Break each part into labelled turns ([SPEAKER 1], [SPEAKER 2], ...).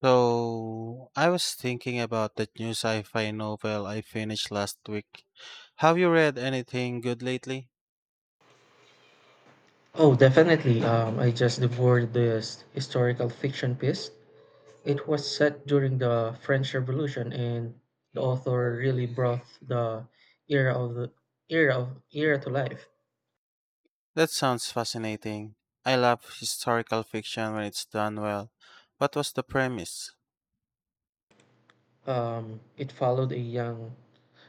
[SPEAKER 1] So, I was thinking about that new sci-fi novel I finished last week. Have you read anything good lately?
[SPEAKER 2] Oh, definitely. I just devoured this historical fiction piece. It was set during the French Revolution, and the author really brought the era of the era to life.
[SPEAKER 1] That sounds fascinating. I love historical fiction when it's done well. What was the premise?
[SPEAKER 2] It followed a young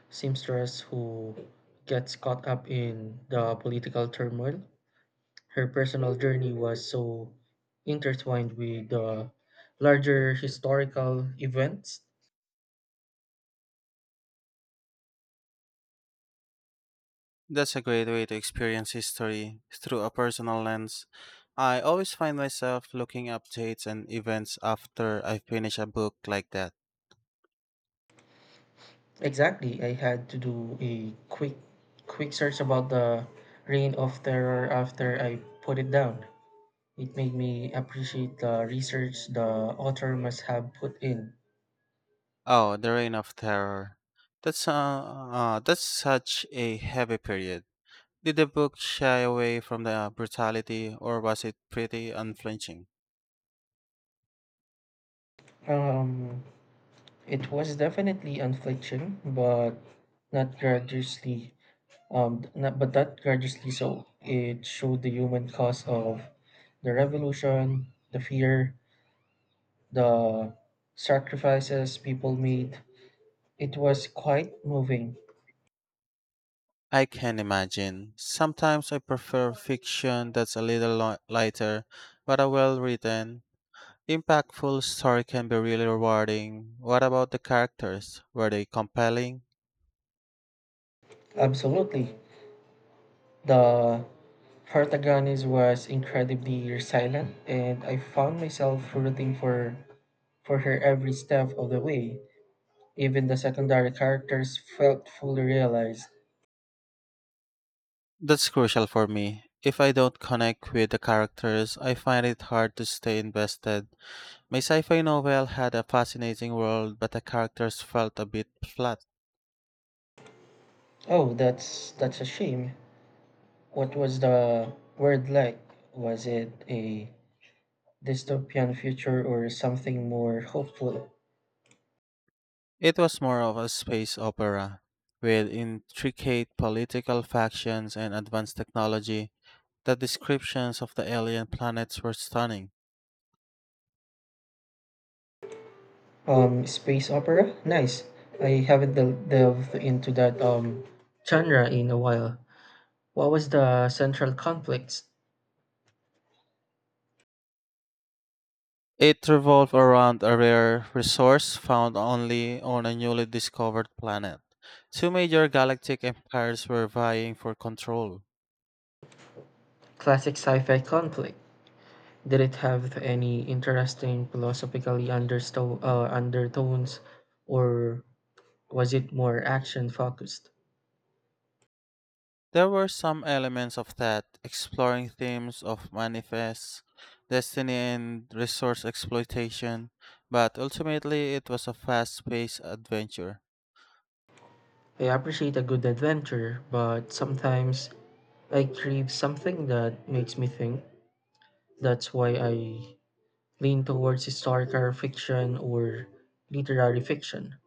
[SPEAKER 2] seamstress who gets caught up in the political turmoil. Her personal journey was so intertwined with the larger historical events.
[SPEAKER 1] That's a great way to experience history through a personal lens. I always find myself looking up dates and events after I finish a book like that.
[SPEAKER 2] Exactly. I had to do a quick search about the reign of terror after I put it down. It made me appreciate the research the author must have put in.
[SPEAKER 1] Oh, The Reign of Terror. That's such a heavy period. Did the book shy away from the brutality, or was it pretty unflinching?
[SPEAKER 2] Um it was definitely unflinching, but not gratuitously so. It showed the human cost of the revolution, the fear, the sacrifices people made. It was quite moving.
[SPEAKER 1] I can imagine. Sometimes I prefer fiction that's a little lighter, but a well written, impactful story can be really rewarding. What about the characters? Were they compelling?
[SPEAKER 2] Absolutely. The protagonist was incredibly resilient, and I found myself rooting for her every step of the way. Even the secondary characters felt fully realized.
[SPEAKER 1] That's crucial for me. If I don't connect with the characters, I find it hard to stay invested. My sci fi novel had a fascinating world, but the characters felt a bit flat.
[SPEAKER 2] Oh, that's a shame. What was the word like? Was it a dystopian future or something more hopeful?
[SPEAKER 1] It was more of a space opera, with intricate political factions and advanced technology. The descriptions of the alien planets were stunning.
[SPEAKER 2] Space opera. Nice. I haven't delved into that genre in a while. What was the central conflict?
[SPEAKER 1] It revolved around a rare resource found only on a newly discovered planet. Two major galactic empires were vying for control.
[SPEAKER 2] Classic sci-fi conflict. Did it have any interesting philosophical undertones, or was it more action focused?
[SPEAKER 1] There were some elements of that, exploring themes of manifest destiny and resource exploitation, but ultimately it was a fast paced adventure.
[SPEAKER 2] I appreciate a good adventure, but sometimes I crave something that makes me think. That's why I lean towards historical fiction or literary fiction.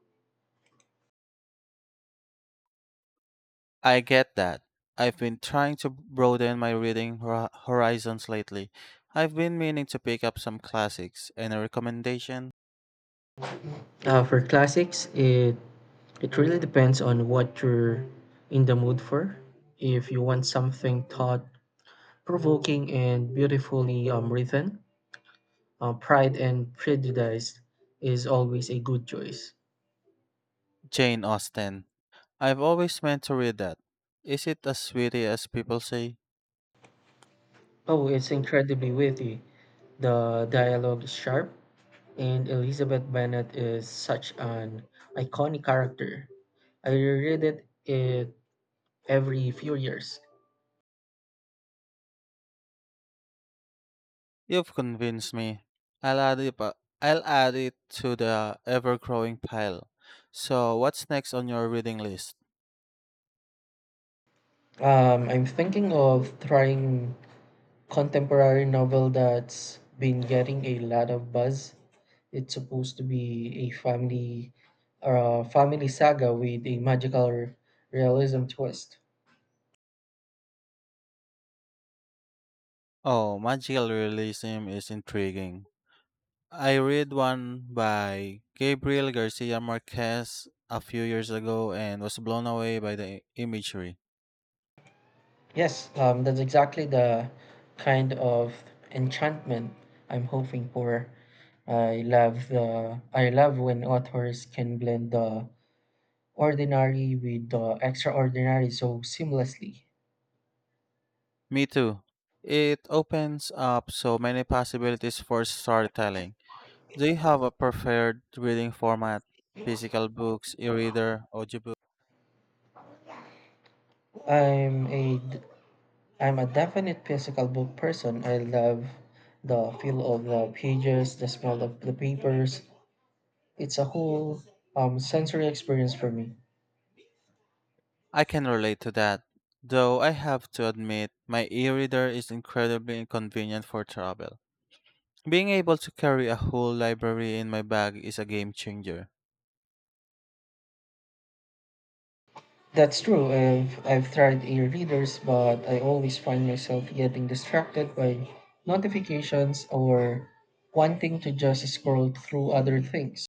[SPEAKER 1] I get that. I've been trying to broaden my reading horizons lately. I've been meaning to pick up some classics. Any recommendation?
[SPEAKER 2] For classics, it really depends on what you're in the mood for. If you want something thought provoking and beautifully written, Pride and Prejudice is always a good choice.
[SPEAKER 1] Jane Austen. I've always meant to read that. Is it as witty as people say?
[SPEAKER 2] Oh, it's incredibly witty. The dialogue is sharp, and Elizabeth Bennet is such an iconic character. I reread it every few years.
[SPEAKER 1] You've convinced me. I'll add it, pa- I'll add it to the ever growing pile. So, what's next on your reading list?
[SPEAKER 2] I'm thinking of trying contemporary novel that's been getting a lot of buzz. It's supposed to be a family saga with a magical realism twist.
[SPEAKER 1] Oh, magical realism is intriguing. I read one by Gabriel Garcia Marquez a few years ago and was blown away by the imagery.
[SPEAKER 2] Yes, that's exactly the kind of enchantment I'm hoping for. I love when authors can blend the ordinary with the extraordinary so seamlessly.
[SPEAKER 1] Me too. It opens up so many possibilities for storytelling. They have a preferred reading format, physical books, e-reader, audiobook.
[SPEAKER 2] I'm a I'm a definite physical book person. I love the feel of the pages, the smell of the papers. It's a whole sensory experience for me.
[SPEAKER 1] I can relate to that, though I have to admit my e-reader is incredibly inconvenient for travel. Being able to carry a whole library in my bag is a game changer.
[SPEAKER 2] That's true. I've tried e-readers, but I always find myself getting distracted by notifications or wanting to just scroll through other things.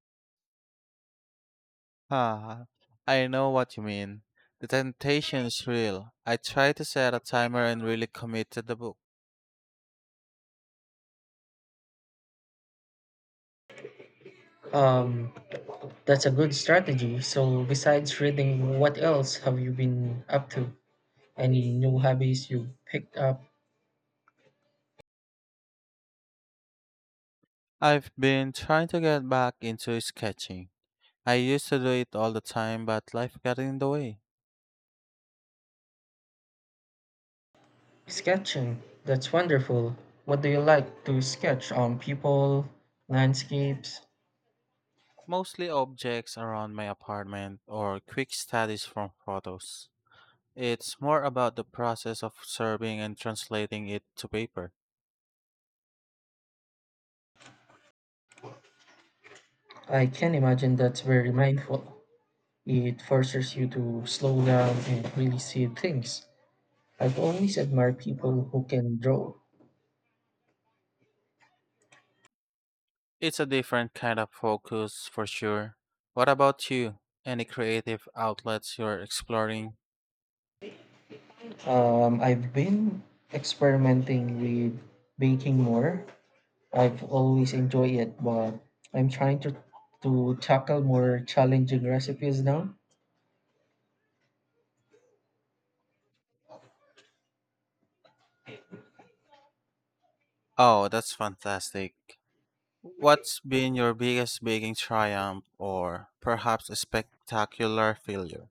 [SPEAKER 1] Ah, I know what you mean. The temptation is real. I tried to set a timer and really commit to the book.
[SPEAKER 2] Um, that's a good strategy. So, besides reading, what else have you been up to? Any new hobbies you picked up?
[SPEAKER 1] I've been trying to get back into sketching. I used to do it all the time, but life got in the way.
[SPEAKER 2] Sketching, that's wonderful. What do you like to sketch on people, landscapes?
[SPEAKER 1] Mostly objects around my apartment or quick studies from photos. It's more about the process of serving and translating it to paper.
[SPEAKER 2] I can imagine that's very mindful. It forces you to slow down and really see things. I've always admired people who can draw.
[SPEAKER 1] It's a different kind of focus for sure. What about you? Any creative outlets you're exploring?
[SPEAKER 2] I've been experimenting with baking more. I've always enjoyed it, but I'm trying to tackle more challenging recipes now.
[SPEAKER 1] Oh, that's fantastic. What's been your biggest baking triumph or perhaps a spectacular failure?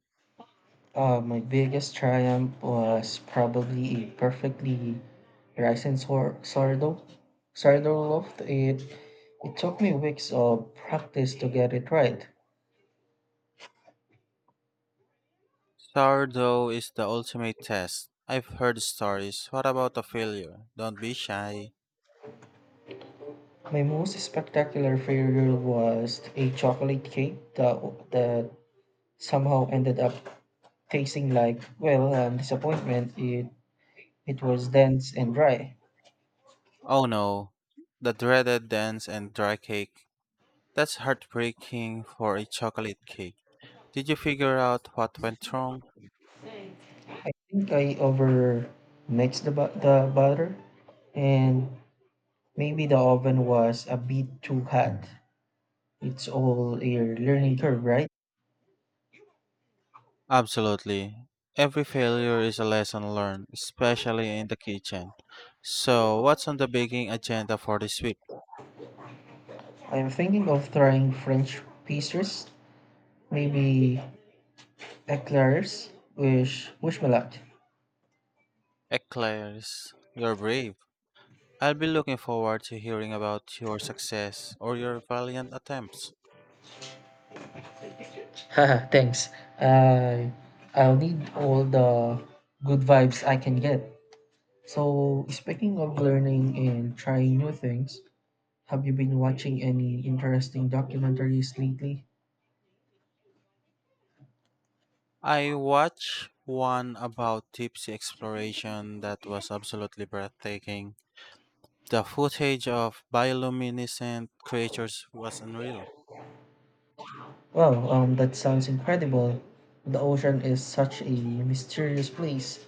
[SPEAKER 2] My biggest triumph was probably a perfectly rising sourdough. Sourdough loaf. It took me weeks of practice to get it right.
[SPEAKER 1] Sourdough is the ultimate test. I've heard stories. What about a failure? Don't be shy.
[SPEAKER 2] My most spectacular failure was a chocolate cake that somehow ended up tasting like well disappointment. It was dense and dry.
[SPEAKER 1] Oh no, the dreaded dense and dry cake. That's heartbreaking for a chocolate cake. Did you figure out what went wrong?
[SPEAKER 2] I think I over mixed the butter and maybe the oven was a bit too hot. It's all a learning curve, right?
[SPEAKER 1] Absolutely. Every failure is a lesson learned, especially in the kitchen. So, what's on the baking agenda for this week?
[SPEAKER 2] I'm thinking of trying French pastries, maybe eclairs. Wish me luck.
[SPEAKER 1] Eclairs, you're brave. I'll be looking forward to hearing about your success or your valiant attempts.
[SPEAKER 2] Haha, thanks. I I'll need all the good vibes I can get. So, speaking of learning and trying new things, have you been watching any interesting documentaries lately?
[SPEAKER 1] I watched one about tipsy exploration that was absolutely breathtaking. The footage of bioluminescent creatures was unreal.
[SPEAKER 2] Wow, that sounds incredible. The ocean is such a mysterious place.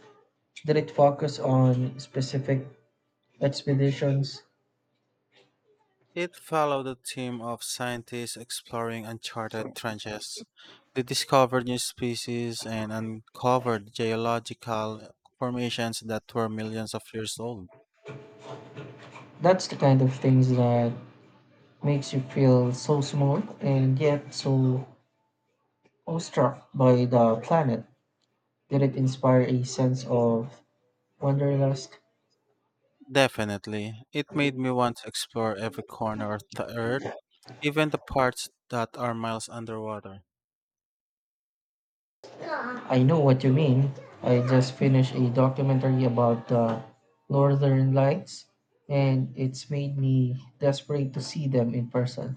[SPEAKER 2] Did it focus on specific expeditions?
[SPEAKER 1] It followed the theme of scientists exploring uncharted trenches. They discovered new species and uncovered geological formations that were millions of years old.
[SPEAKER 2] That's the kind of things that makes you feel so small and yet so awestruck by the planet. Did it inspire a sense of wanderlust?
[SPEAKER 1] Definitely. It made me want to explore every corner of the Earth, even the parts that are miles underwater.
[SPEAKER 2] I know what you mean. I just finished a documentary about the Northern Lights, and it's made me desperate to see them in person.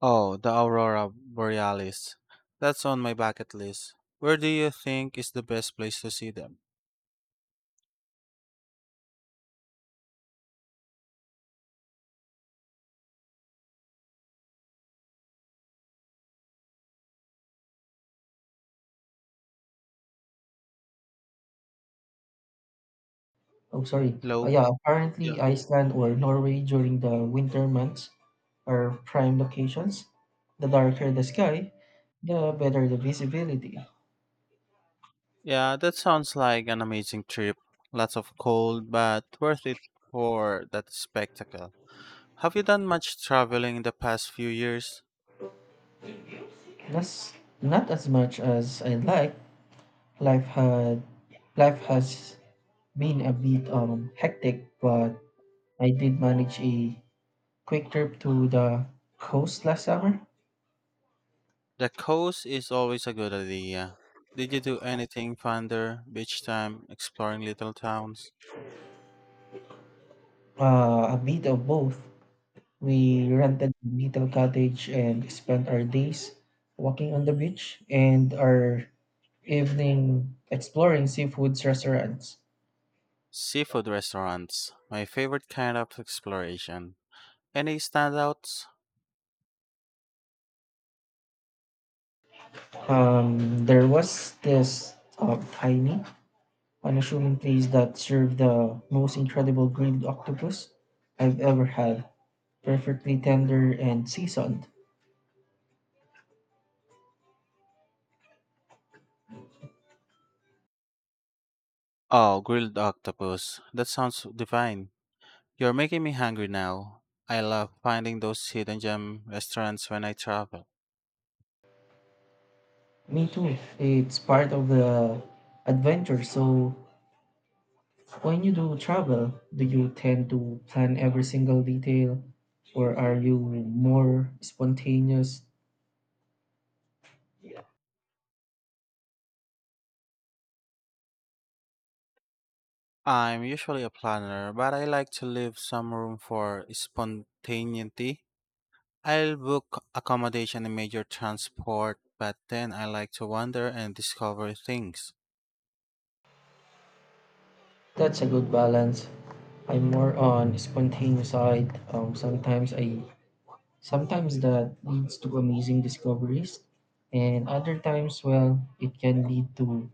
[SPEAKER 1] Oh, the Aurora Borealis. That's on my bucket list. Where do you think is the best place to see them?
[SPEAKER 2] Oh, sorry.
[SPEAKER 1] Low?
[SPEAKER 2] Yeah,
[SPEAKER 1] Yeah.
[SPEAKER 2] apparently Iceland or Norway during the winter months are prime locations. The darker the sky, the better the visibility.
[SPEAKER 1] Yeah, that sounds like an amazing trip. Lots of cold, but worth it for that spectacle. Have you done much traveling in the past few years?
[SPEAKER 2] That's not as much as I'd like. Life had life has been a bit hectic, but I did manage a quick trip to the coast last summer.
[SPEAKER 1] The coast is always a good idea. Did you do anything fun there? Beach time, exploring little towns,
[SPEAKER 2] A bit of both. We rented a little cottage and spent our days walking on the beach and our evening exploring seafood restaurants.
[SPEAKER 1] seafood restaurants. My favorite kind of exploration. Any standouts?
[SPEAKER 2] There was this tiny, unassuming place that served the most incredible grilled octopus I've ever had, perfectly tender and seasoned.
[SPEAKER 1] Oh, grilled octopus. That sounds divine. You're making me hungry now. I love finding those hidden gem restaurants when I travel.
[SPEAKER 2] Me too. It's part of the adventure, so when you do travel, do you tend to plan every single detail or are you more spontaneous?
[SPEAKER 1] I'm usually a planner, but I like to leave some room for spontaneity. I'll book accommodation and major transport, but then I like to wander and discover things.
[SPEAKER 2] That's a good balance. I'm more on spontaneous side. Sometimes that leads to amazing discoveries and other times well it can lead to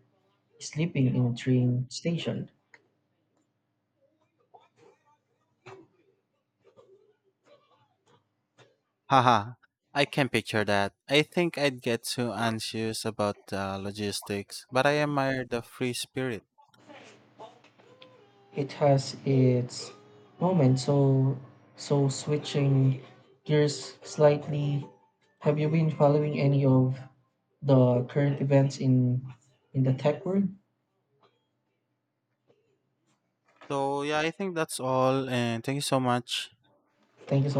[SPEAKER 2] sleeping in train station.
[SPEAKER 1] Haha, I can picture that. I think I'd get too anxious about the logistics, but I admire the free spirit.
[SPEAKER 2] It has its moments. So, switching gears slightly, have you been following any of the current events in the tech world?
[SPEAKER 1] So, yeah, I think that's all, and thank you so much.
[SPEAKER 2] Thank you so